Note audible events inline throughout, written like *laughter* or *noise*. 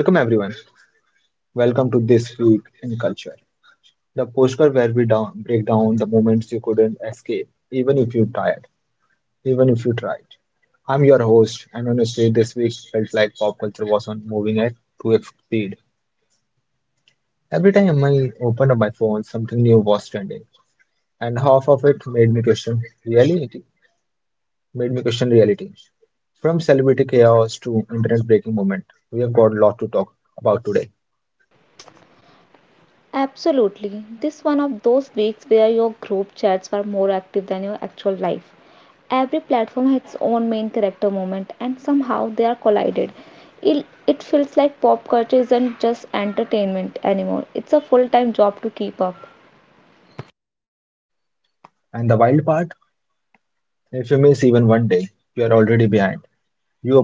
Welcome everyone. Welcome to This Week in Culture, the postcard where break down the moments you couldn't escape, even if you tried, even if you tried. I'm your host, and honestly, this week felt like pop culture was on moving at 2x speed. Every time I opened up my phone, something new was trending, and half of it made me question reality. Made me question reality. From celebrity chaos to internet breaking moment, we have got a lot to talk about today. Absolutely. This one of those weeks where your group chats were more active than your actual life. Every platform has its own main character moment and somehow they are collided. It feels like pop culture isn't just entertainment anymore. It's a full-time job to keep up. And the wild part, if you miss even 1 day, you are already behind.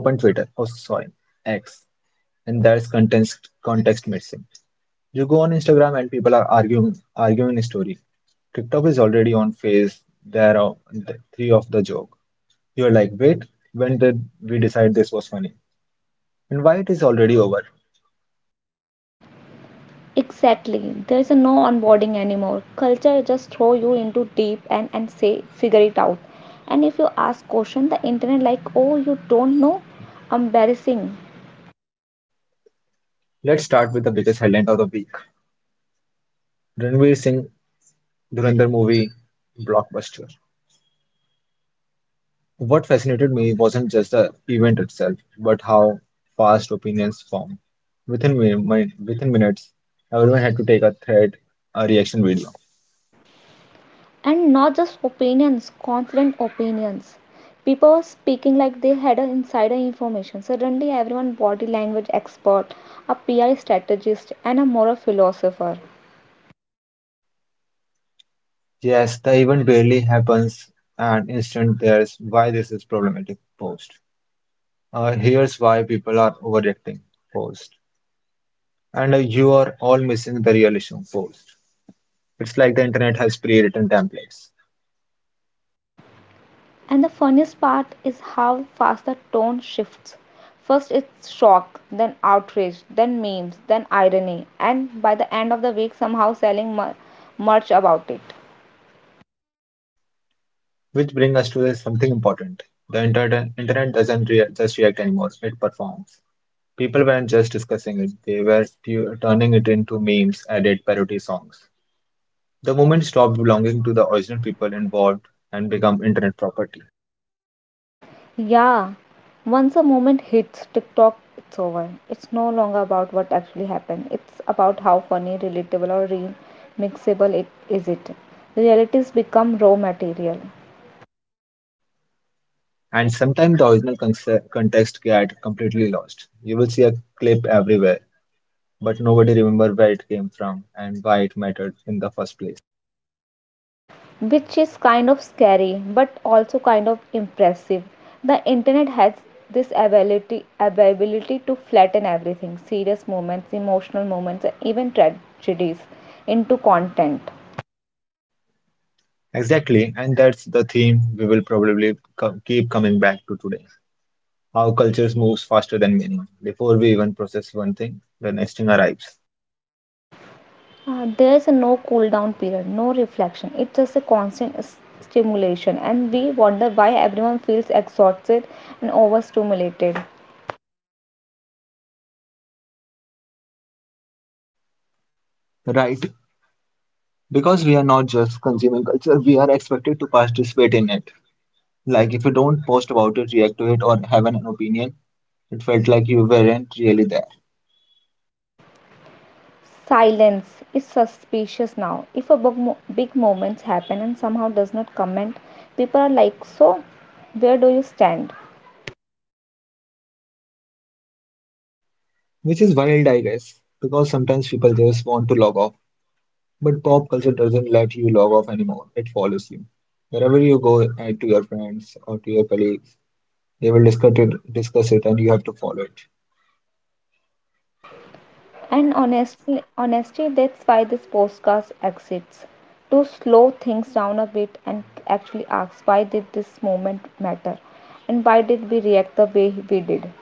You open Twitter, oh sorry, X, and there's context missing. You go on Instagram and people are arguing a story. TikTok is already on phase there are three of the joke. You're like, wait, when did we decide this was funny? And why it is already over? Exactly. There is no onboarding anymore. Culture just throw you into deep and say figure it out. And if you ask question, the internet like, "Oh, you don't know?" Embarrassing. Let's start with the biggest headline of the week. Ranveer Singh Dhurandhar movie blockbuster. What fascinated me wasn't just the event itself, but how fast opinions form. Within minutes, everyone had to take a thread, a reaction video. And not just opinions, confident opinions. People were speaking like they had a insider information. Suddenly, everyone body language expert, a PR strategist, and a moral philosopher. Yes, the event barely happens, and instant there's why this is problematic post. Here's why people are overreacting post. And you are all missing the real issue post. It's like the internet has pre-written templates, And the funniest part is how fast the tone shifts. First, it's shock, then outrage, then memes, then irony, and by the end of the week, somehow selling merch about it. which bring us to something important. The internet doesn't just react anymore, it performs. People weren't just discussing it, they were turning it into memes, edit, parody songs. The movement stopped belonging to the original people involved and become internet property. Yeah, once a moment hits TikTok, it's over. It's no longer about what actually happened. It's about how funny, relatable, or remixable it is. It realities become raw material, And sometimes the original context get completely lost. You will see a clip everywhere, but nobody remember where it came from and why it mattered in the first place. which is kind of scary, but also kind of impressive. The internet has this ability to flatten everything, serious moments, emotional moments, and even tragedies into content. Exactly, and that's the theme we will probably keep coming back to today. How cultures moves faster than meaning. Before we even process one thing, the next thing arrives. There is a no cool down period, no reflection. It's just a constant stimulation, and we wonder why everyone feels exhausted and overstimulated. Right, because we are not just consuming culture, we are expected to participate in it. Like if you don't post about it, react to it, or have an opinion, it felt like you weren't really there. Silence is suspicious now. If a big, big moment happen and somehow does not comment, people are like, "So, where do you stand?" Which is wild, I guess, because sometimes people just want to log off, but pop culture doesn't let you log off anymore. It follows you wherever you go. Add to your friends or to your colleagues, they will discuss it and you have to follow it. And honestly, honesty. That's why this podcast exists to slow things down a bit and actually ask why did this moment matter and why did we react the way we did.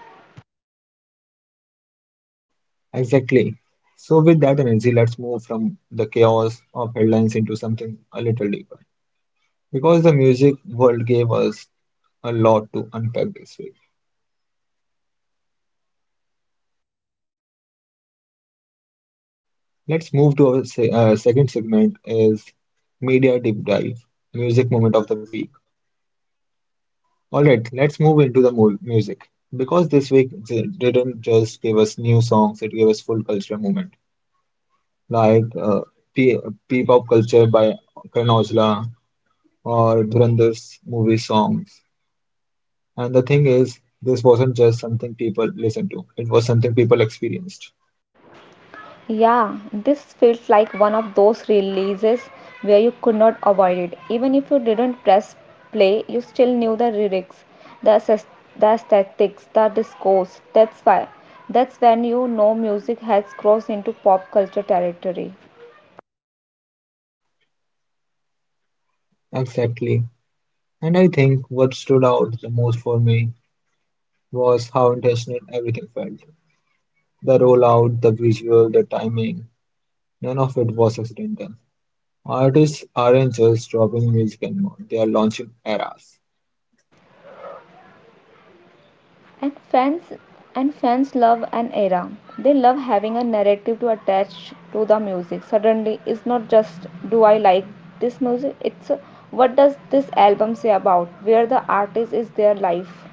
Exactly. So with that energy, let's move from the chaos of headlines into something a little deeper. Because the music world gave us a lot to unpack this week. Let's move to our se second segment, is media deep dive, music moment of the week. All right, let's move into the mu music. Because this week didn't just give us new songs, it gave us full cultural movement. Like P P-pop culture by Karan Aujla or Dhurandar's movie songs. And the thing is, this wasn't just something people listened to, it was something people experienced. Yeah, this feels like one of those releases where you could not avoid it. Even if you didn't press play, you still knew the lyrics, the aes- the aesthetics, the discourse. That's why. That's when you know music has crossed into pop culture territory. Exactly. And I think what stood out the most for me was how intentional everything felt. The rollout, the visual, the timing, none of it was accidental. Artists aren't just dropping music anymore, they are launching eras. and fans and fans love an era. They love having a narrative to attach to the music. Suddenly it's not just do I like this music, it's what does this album say about where the artist is their life,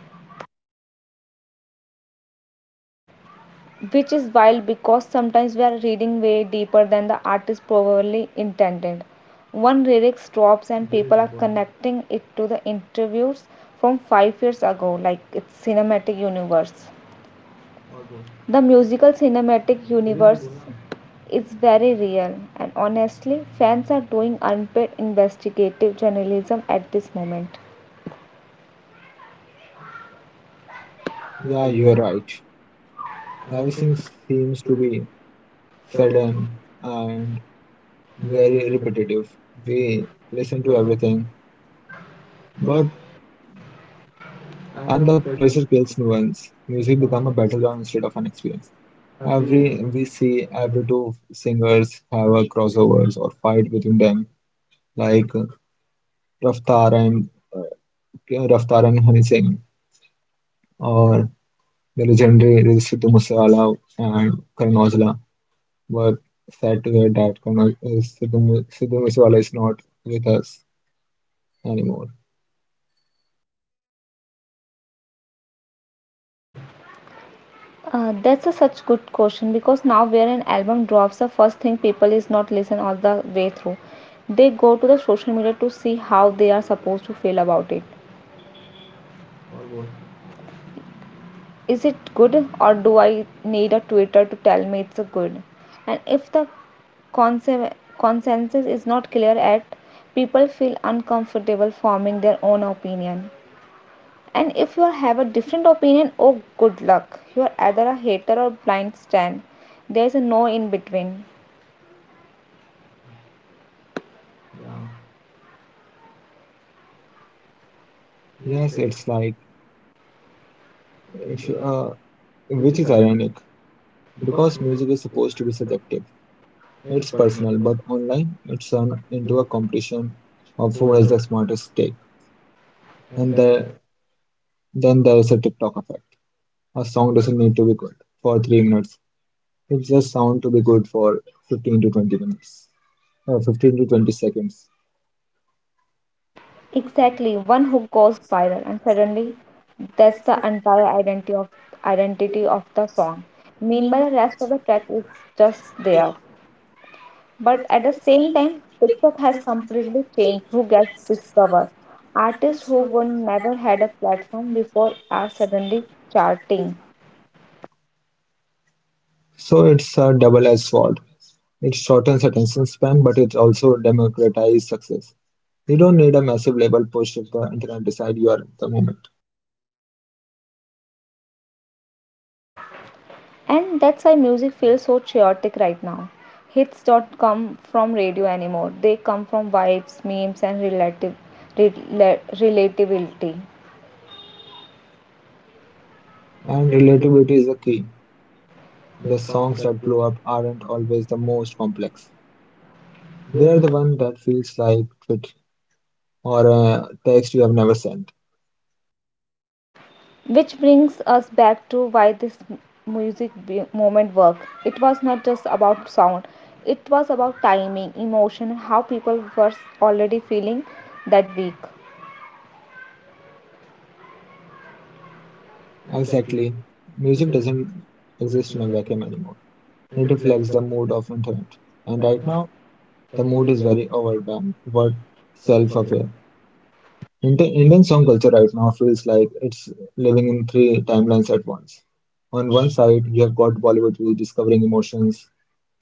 which is wild because sometimes we are reading way deeper than the artist probably intended. One lyric drops and people are connecting it to the interviews from 5 years ago like it's cinematic universe. The musical cinematic universe is very real, and honestly, fans are doing unpaid investigative journalism at this moment. Yeah, you're right. Everything seems to be sudden and very repetitive. We listen to everything, but and the pressure kills nuance. Music become a battleground instead of an experience. Every we see every two singers have a crossovers or fight between them, like Raftar and Raftar and Hani Singh, or the legendary Sidhu Moosewala and Karan Aujla. Were sad to hear that Karan Au- Sidhu Mo- Sidhu Moosewala is not with us anymore. That's a such good question because now where an album drops, the first thing people is not listen all the way through. They go to the social media to see how they are supposed to feel about it. Is it good or do I need a Twitter to tell me it's a good? And if the consen- consensus is not clear at, people feel uncomfortable forming their own opinion. And if you have a different opinion, oh good luck. You are either a hater or blind stan. There is no in between. Yes, it's like if which is ironic because music is supposed to be subjective. It's personal, but online it's turned into a competition of who has the smartest take. And then there's a TikTok effect. A song doesn't need to be good for 3 minutes. It just sound to be good for 15 to 20 minutes, uh, 15 to 20 seconds. Exactly, one who goes viral and suddenly that's the entire identity of the song. Meanwhile, the rest of the track is just there. But at the same time, TikTok has completely changed who gets discovered. Artists who would never had a platform before are suddenly charting. So it's a double-edged sword. It shortens attention span, but it also democratizes success. You don't need a massive label push if the internet decide you are the moment. And that's why music feels so chaotic right now. Hits don't come from radio anymore. They come from vibes, memes, and relatability. And relatability is a key. The songs that blow up aren't always the most complex. They're the one that feels like tweet or a text you have never sent. Which brings us back to why this music moment worked. It was not just about sound, it was about timing, emotion, and how people were already feeling that week. Exactly. Music doesn't exist in a vacuum anymore. It reflects the mood of internet. And right now, the mood is very overwhelmed, but self-aware. Indian song culture right now feels like it's living in three timelines at once. On one side, you have got Bollywood rediscovering emotions,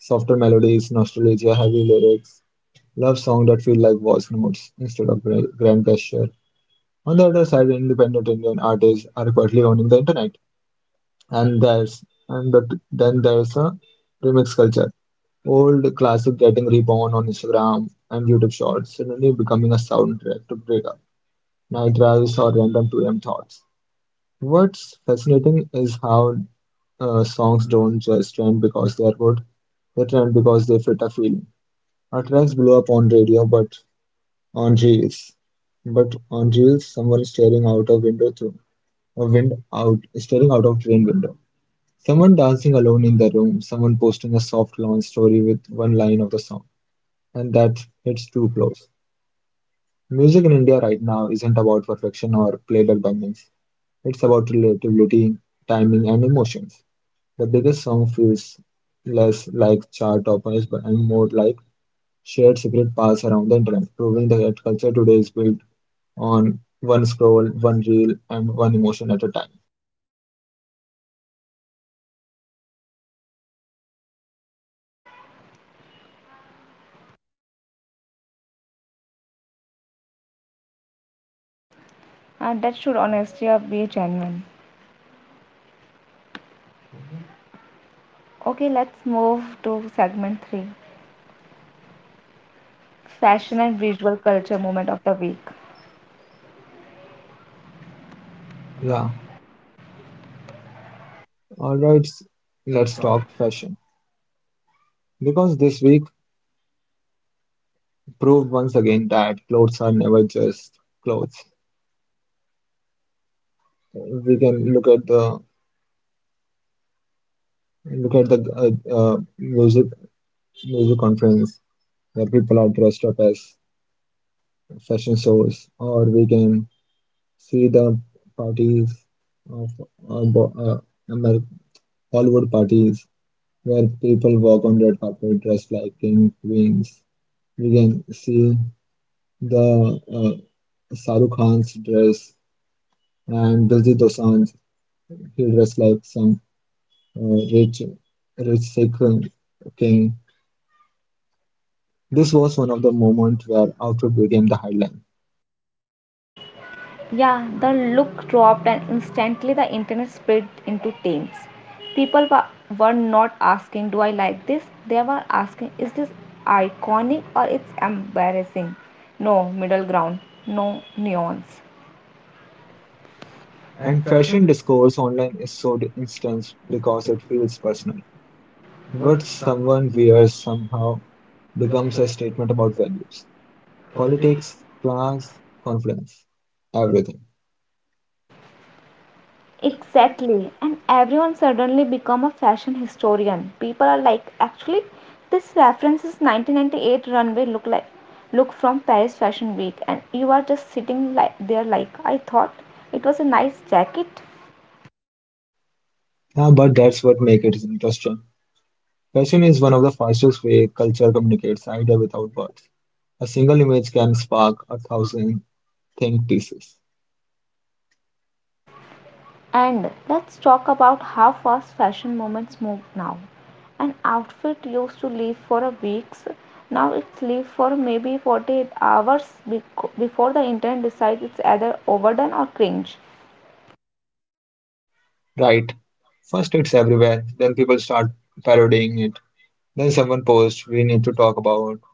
softer melodies, nostalgia, heavy lyrics, love songs that feel like voice notes instead of grand gesture. On the other side, independent Indian artists are quietly owning the internet, and there's and but then there's a remix culture. Old classic getting reborn on Instagram and YouTube Shorts, suddenly becoming a soundtrack to break up, night drives, or random 2am thoughts. What's fascinating is how songs don't just trend because they are good; they trend because they fit a feeling. Our tracks blow up on radio, but Angeles, Angeles someone staring out a window through a wind out staring out of train window. Someone dancing alone in the room, someone posting a soft long story with one line of the song. And that hits too close. Music in India right now isn't about perfection or playback bangings. It's about relativity, timing and emotions. The biggest song feels less like chart toppers and more like shared secret paths around the internet, proving that culture today is built on one scroll, one reel, and one emotion at a time. And that should honestly be genuine. Okay, let's move to segment 3, Fashion and Visual Culture Moment of the Week. Yeah, alright, let's talk fashion. Because this week proved once again that clothes are never just clothes. We can look at the music conference where people are dressed up as fashion shows, or we can see the parties of uh, bo- uh, Amer- Hollywood parties, where people walk on red carpet dressed like king, queens. We can see the Shahrukh Khan's dress and Diljit Dosanjh. He dressed like some uh, rich, rich Sikh king. This was one of the moments where outfit became the headline. Yeah, the look dropped, and instantly the internet split into teams. People were not asking, "Do I like this?" They were asking, "Is this iconic or it's embarrassing?" No middle ground, no nuance. And fashion discourse online is so intense because it feels personal. What someone wears somehow becomes a statement about values. Politics, class, confidence, everything. Exactly, and everyone suddenly become a fashion historian. People are like, actually, this reference is 1998 runway look like look from Paris Fashion Week, and you are just sitting like there like I thought it was a nice jacket. Yeah, but that's what makes it interesting. Fashion is one of the fastest way culture communicates idea without words. A single image can spark a thousand think pieces. And let's talk about how fast fashion moments move now. An outfit used to live for a weeks, now it's live for maybe 48 hours before the internet decides it's either overdone or cringe. Right. First it's everywhere, then people start parodying it. Then someone posts, we need to talk about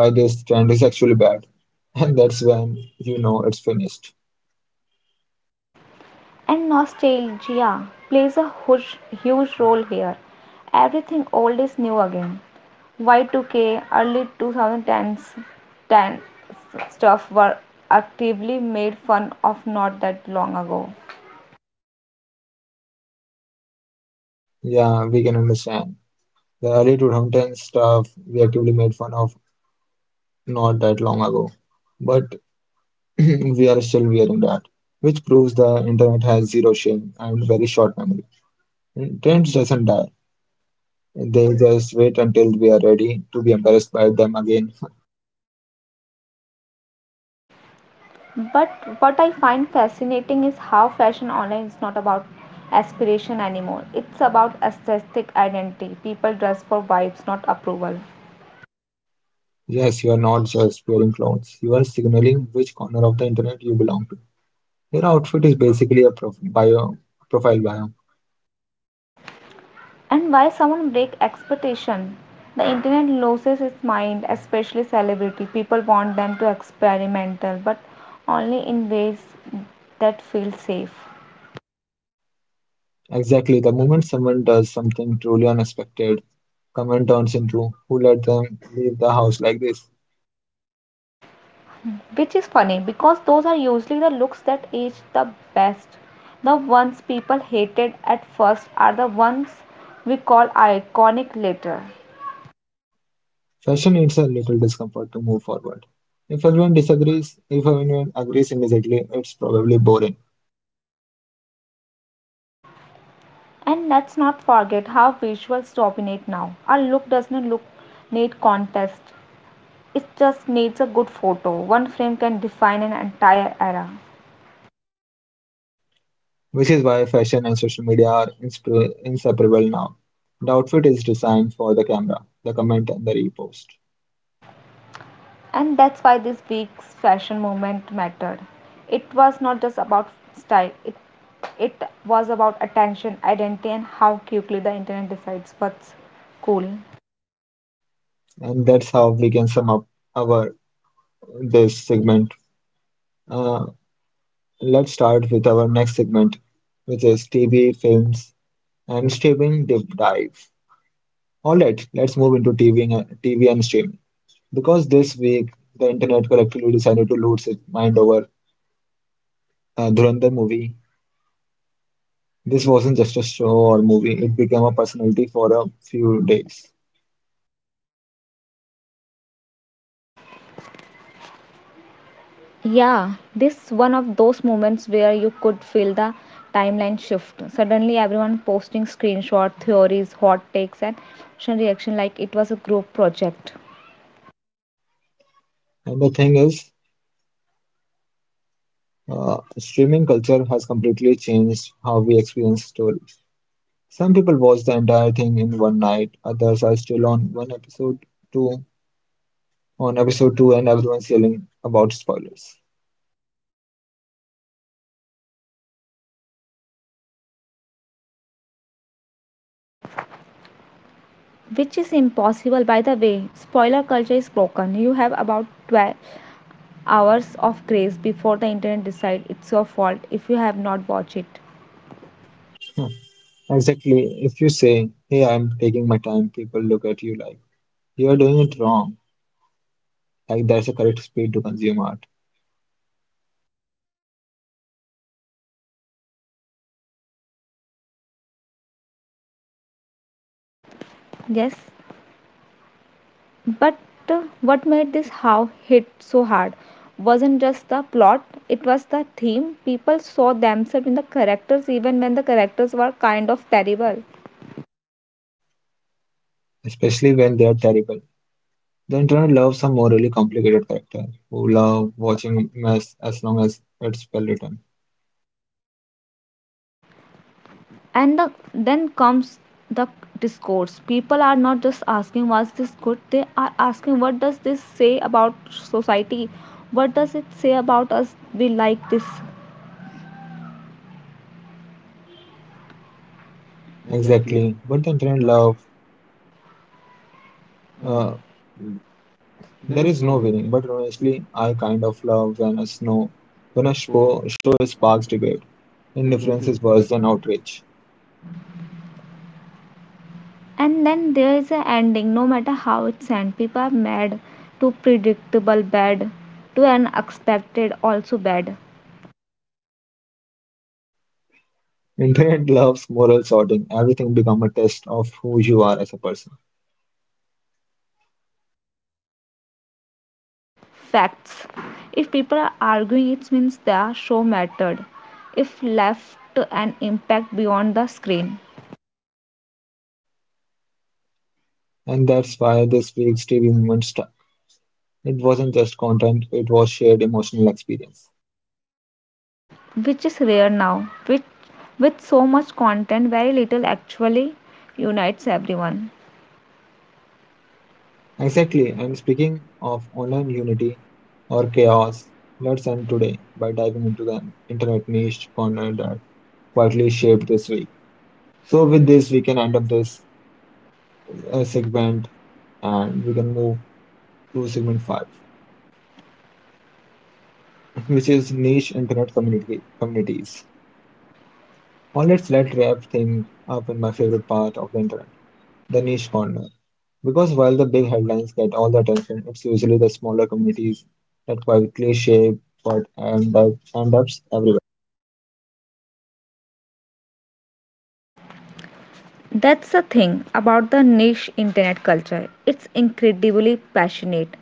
why this trend is actually bad. *laughs* And that's when you know it's finished. And nostalgia plays a huge role here. Everything old is new again. Y2K, early 2010s, 10 stuff were actively made fun of not that long ago. Yeah, we can understand. The early 2010 stuff we actively made fun of not that long ago, but *clears throat* we are still wearing that, which proves the internet has zero shame and very short memory. Trends doesn't die. They just wait until we are ready to be embarrassed by them again. *laughs* But what I find fascinating is how fashion online is not about aspiration anymore. It's about aesthetic identity. People dress for vibes, not approval. Yes, you are not just wearing clothes. You are signaling which corner of the internet you belong to. Your outfit is basically a profile bio. And why someone break expectation? The internet loses its mind, especially celebrity. People want them to experimental, but only in ways that feel safe. Exactly. The moment someone does something truly unexpected, comment turns into who let them leave the house like this? Which is funny because those are usually the looks that age the best. The ones people hated at first are the ones we call iconic later. Fashion needs a little discomfort to move forward. If everyone disagrees, if everyone agrees immediately, it's probably boring, And let's not forget how visuals dominate now. A look does not look need contest. It just needs a good photo. One frame can define an entire era. which is why fashion and social media are inseparable now. The outfit is designed for the camera, the comment, and the repost. And that's why this week's fashion movement mattered. It was not just about style, it was about attention, identity, and how quickly the internet decides what's cool. And that's how we can sum up our this segment. Uh, let's start with our next segment, which is TV, films, and streaming deep dive. All right, let's move into TV and streaming. Because this week, the internet collectively decided to lose its mind over Dhurandhar movie. This wasn't just a show or movie, it became a personality for a few days. Yeah, this one of those moments where you could feel the timeline shift. Suddenly, everyone posting screenshot theories, hot takes, and emotional reaction like it was a group project, And the thing is, streaming culture has completely changed how we experience stories. Some people watch the entire thing in one night, others are still on two, episode two, and everyone's yelling about spoilers. which is impossible. By the way, spoiler culture is broken. You have about 12 hours of grace before the internet decide it's your fault if you have not watched it. Huh. Exactly, if you say, hey, I'm taking my time, people look at you like, you're doing it wrong. Like there's a correct speed to consume art, Yes, but what made this how hit so hard wasn't just the plot, it was the theme. People saw themselves in the characters even when the characters were kind of terrible. especially when they are terrible. The internet loves some morally complicated character who love watching mess as long as it's well written. And then comes the discourse. People are not just asking was this good, they are asking what does this say about society, what does it say about us we like this. Exactly, but the internet love uh, there is no winning. But honestly, I kind of love when a snow when a show show sparks debate. Indifference is worse than outrage. And then there is a ending. No matter how it's end, people are mad. Too predictable bad, too unexpected also bad. Internet loves moral sorting. Everything become a test of who you are as a person, Facts. If people are arguing it means their show mattered, if left an impact beyond the screen. and that's why this week's TV moment st It wasn't just content, it was shared emotional experience. Which is rare now, which with so much content very little actually unites everyone. Exactly, I'm speaking of online unity or chaos. Let's end today by diving into the internet niche corner that quietly shaped this week. So, with this, we can end up this segment, and we can move to segment 5, *laughs* which is niche internet community communities. Now, let's let wrap things up in my favorite part of the internet. The niche corner: because while the big headlines get all the attention, it's usually the smaller communities that quietly shape what end up everywhere. That's the thing about the niche internet culture, it's incredibly passionate.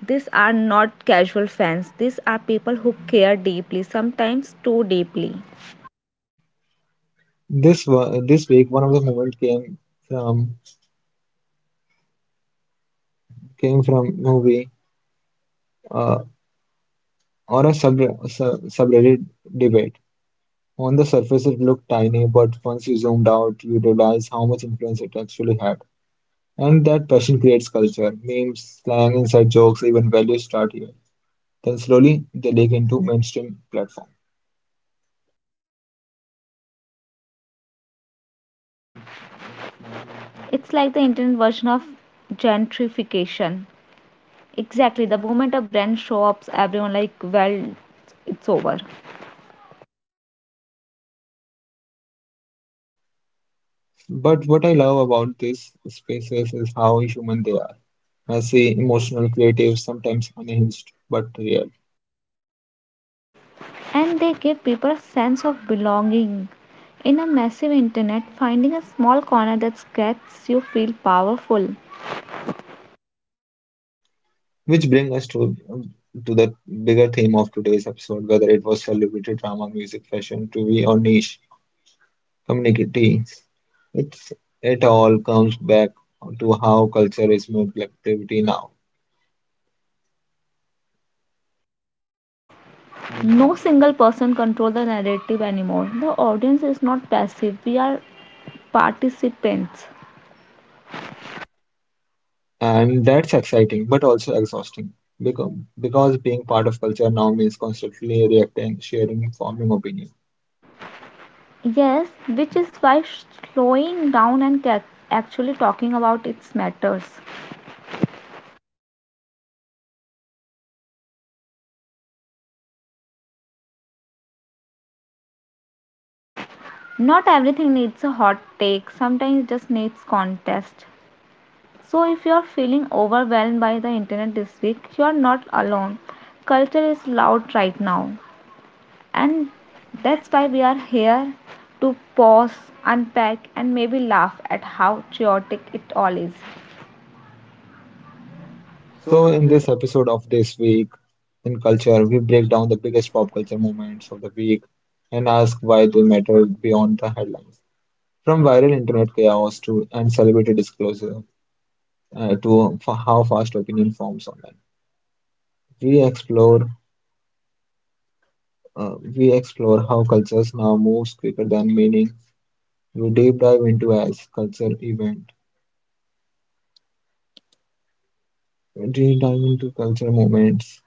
These are not casual fans, these are people who care deeply, sometimes too deeply. This week, one of the moments came from from movie, uh, or a subreddit debate. On the surface, it looked tiny, but once you zoomed out, you realize how much influence it actually had. And that passion creates culture, memes, slang, inside jokes, even values start here. Then slowly they leak into mainstream platforms. It's like the internet version of gentrification. Exactly, the moment a brand shows up, everyone like, well, it's over. But what I love about these spaces is how human they are. Messy, emotional, creative, sometimes unhinged, but real. And they give people a sense of belonging. In a massive internet, finding a small corner that gets you feel powerful. Which brings us to the bigger theme of today's episode, whether it was celebrity drama, music, fashion, TV, or niche communities. It's it all comes back to how culture is more collectivity now. No single person controls the narrative anymore. The audience is not passive, we are participants. And that's exciting, but also exhausting. Because, because being part of culture now means constantly reacting, sharing, forming opinion. Yes, which is why slowing down and actually talking about it matters. Not everything needs a hot take, sometimes it just needs contest. So, if you're feeling overwhelmed by the internet this week, you're not alone. Culture is loud right now, and that's why we are here to pause, unpack, and maybe laugh at how chaotic it all is. So, in this episode of This Week in Culture, we break down the biggest pop culture moments of the week and ask why they matter beyond the headlines. From viral internet chaos to and celebrity disclosure, to how fast opinion forms online, we explore we explore how cultures now moves quicker than meaning. We deep dive into as culture event, we deep dive into culture moments,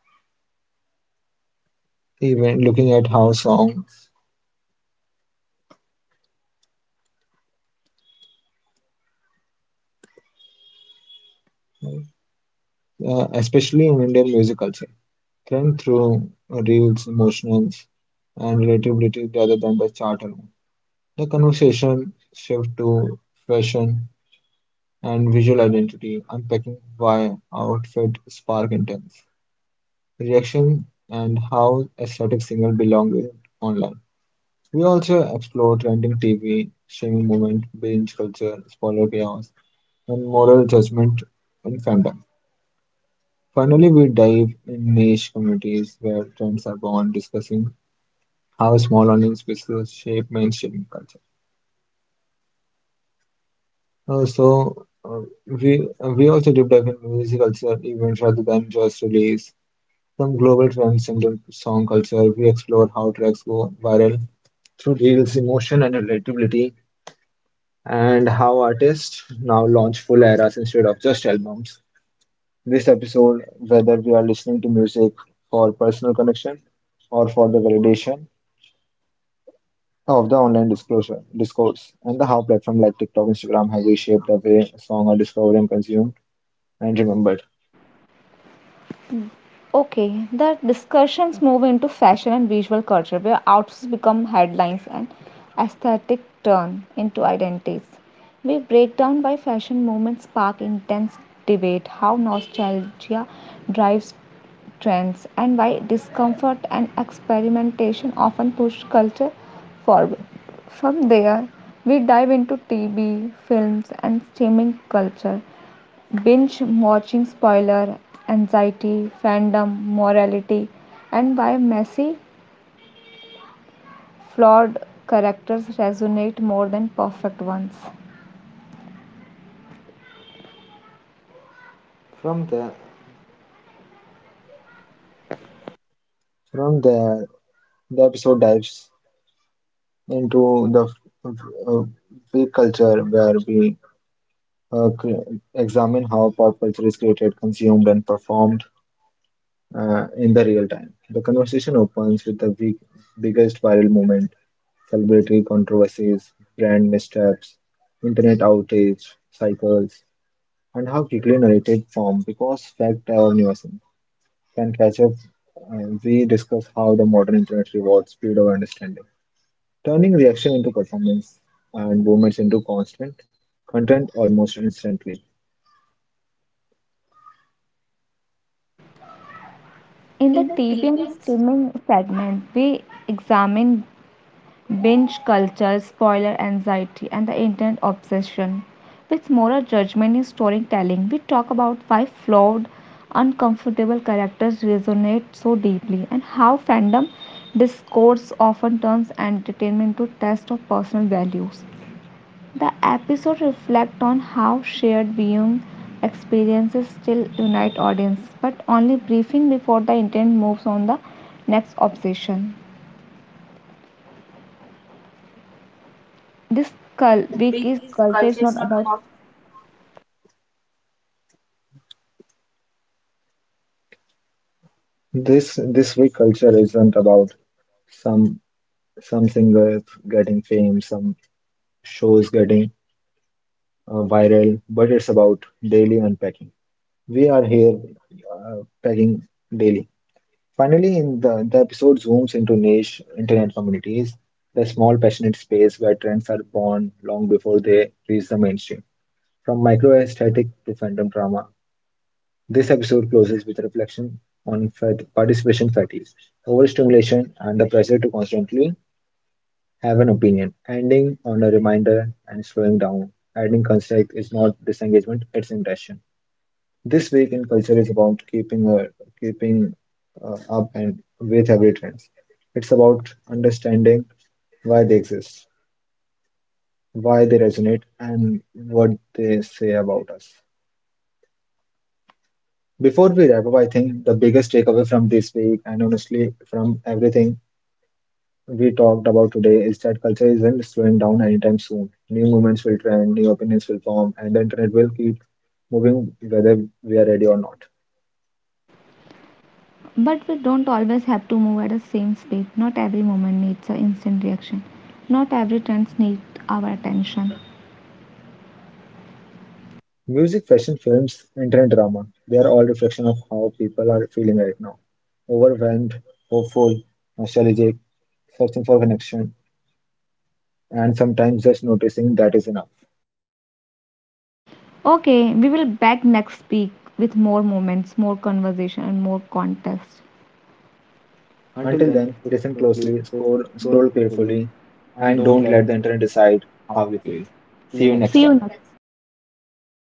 even looking at how songs, especially in Indian music culture, trend through reels, emotions, and relatability rather than the chart alone. The conversation shift to fashion and visual identity, unpacking why outfit spark intense reaction and how aesthetic signal belong in online. We also explore trending TV, shaming movement, binge culture, spoiler chaos, and moral judgment in fandom. Finally, we dive in niche communities where trends are born, discussing how small online spaces shape mainstream culture. Uh, so uh, we we also deep dive in music culture events rather than just release. Some global trends in the song culture. We explore how tracks go viral through reels, emotion, and relatability, and how artists now launch full eras instead of just albums. This episode, whether we are listening to music for personal connection or for the validation, of the online disclosure discourse and the how platform like TikTok, Instagram have reshaped the way a song are discovered and consumed and remembered. Okay, the discussions move into fashion and visual culture, where outfits become headlines and aesthetic turn into identities. We break down why fashion movements spark intense debate, how nostalgia drives trends, and why discomfort and experimentation often push culture forward. From there, we dive into TV, films, and streaming culture, binge watching spoiler, anxiety, fandom, morality, and why messy, flawed characters resonate more than perfect ones. From there, the episode dives into the uh, freak culture where we examine how pop culture is created, consumed, and performed in the real time. The conversation opens with the biggest viral moment, celebrity controversies, brand missteps, internet outage cycles, and how quickly narrative form, because fact or news can catch up. We discuss how the modern internet rewards speed of understanding, turning reaction into performance and movements into constant content almost instantly. In the TV and streaming segment, we examine binge culture, spoiler anxiety, and the internet obsession with moral judgment in storytelling. We talk about why flawed, uncomfortable characters resonate so deeply and how fandom discourse often turns entertainment to test of personal values. The episode reflects on how shared viewing experiences still unite audience, but only briefing before the intent moves on the next obsession. This cul- week is culture is not about This week culture isn't about some some singers getting fame, some shows getting viral, but it's about daily unpacking. We are here, packing daily. Finally, in the episode zooms into niche internet communities, the small passionate space where trends are born long before they reach the mainstream. From micro aesthetic to fandom drama, this episode closes with reflection on participation fatigue, overstimulation, and the pressure to constantly have an opinion. Ending on a reminder and slowing down, adding context is not disengagement, it's intention. This week in culture is about keeping keeping up and with every trends. It's about understanding why they exist, why they resonate, and what they say about us. Before we wrap up, I think the biggest takeaway from this week, and honestly from everything we talked about today, is that culture isn't slowing down anytime soon. New movements will trend, new opinions will form, and the internet will keep moving whether we are ready or not. But we don't always have to move at the same speed. Not every moment needs an instant reaction, not every trend needs our attention. Music, fashion, films, internet drama, they are all reflection of how people are feeling right now. Overwhelmed, hopeful, nostalgic, searching for connection, and sometimes just noticing that is enough. Okay, we will back next week with more moments, more conversation, and more context. Until then, listen closely, scroll carefully, and don't let the internet decide how you feel. See you next See time. You time. next.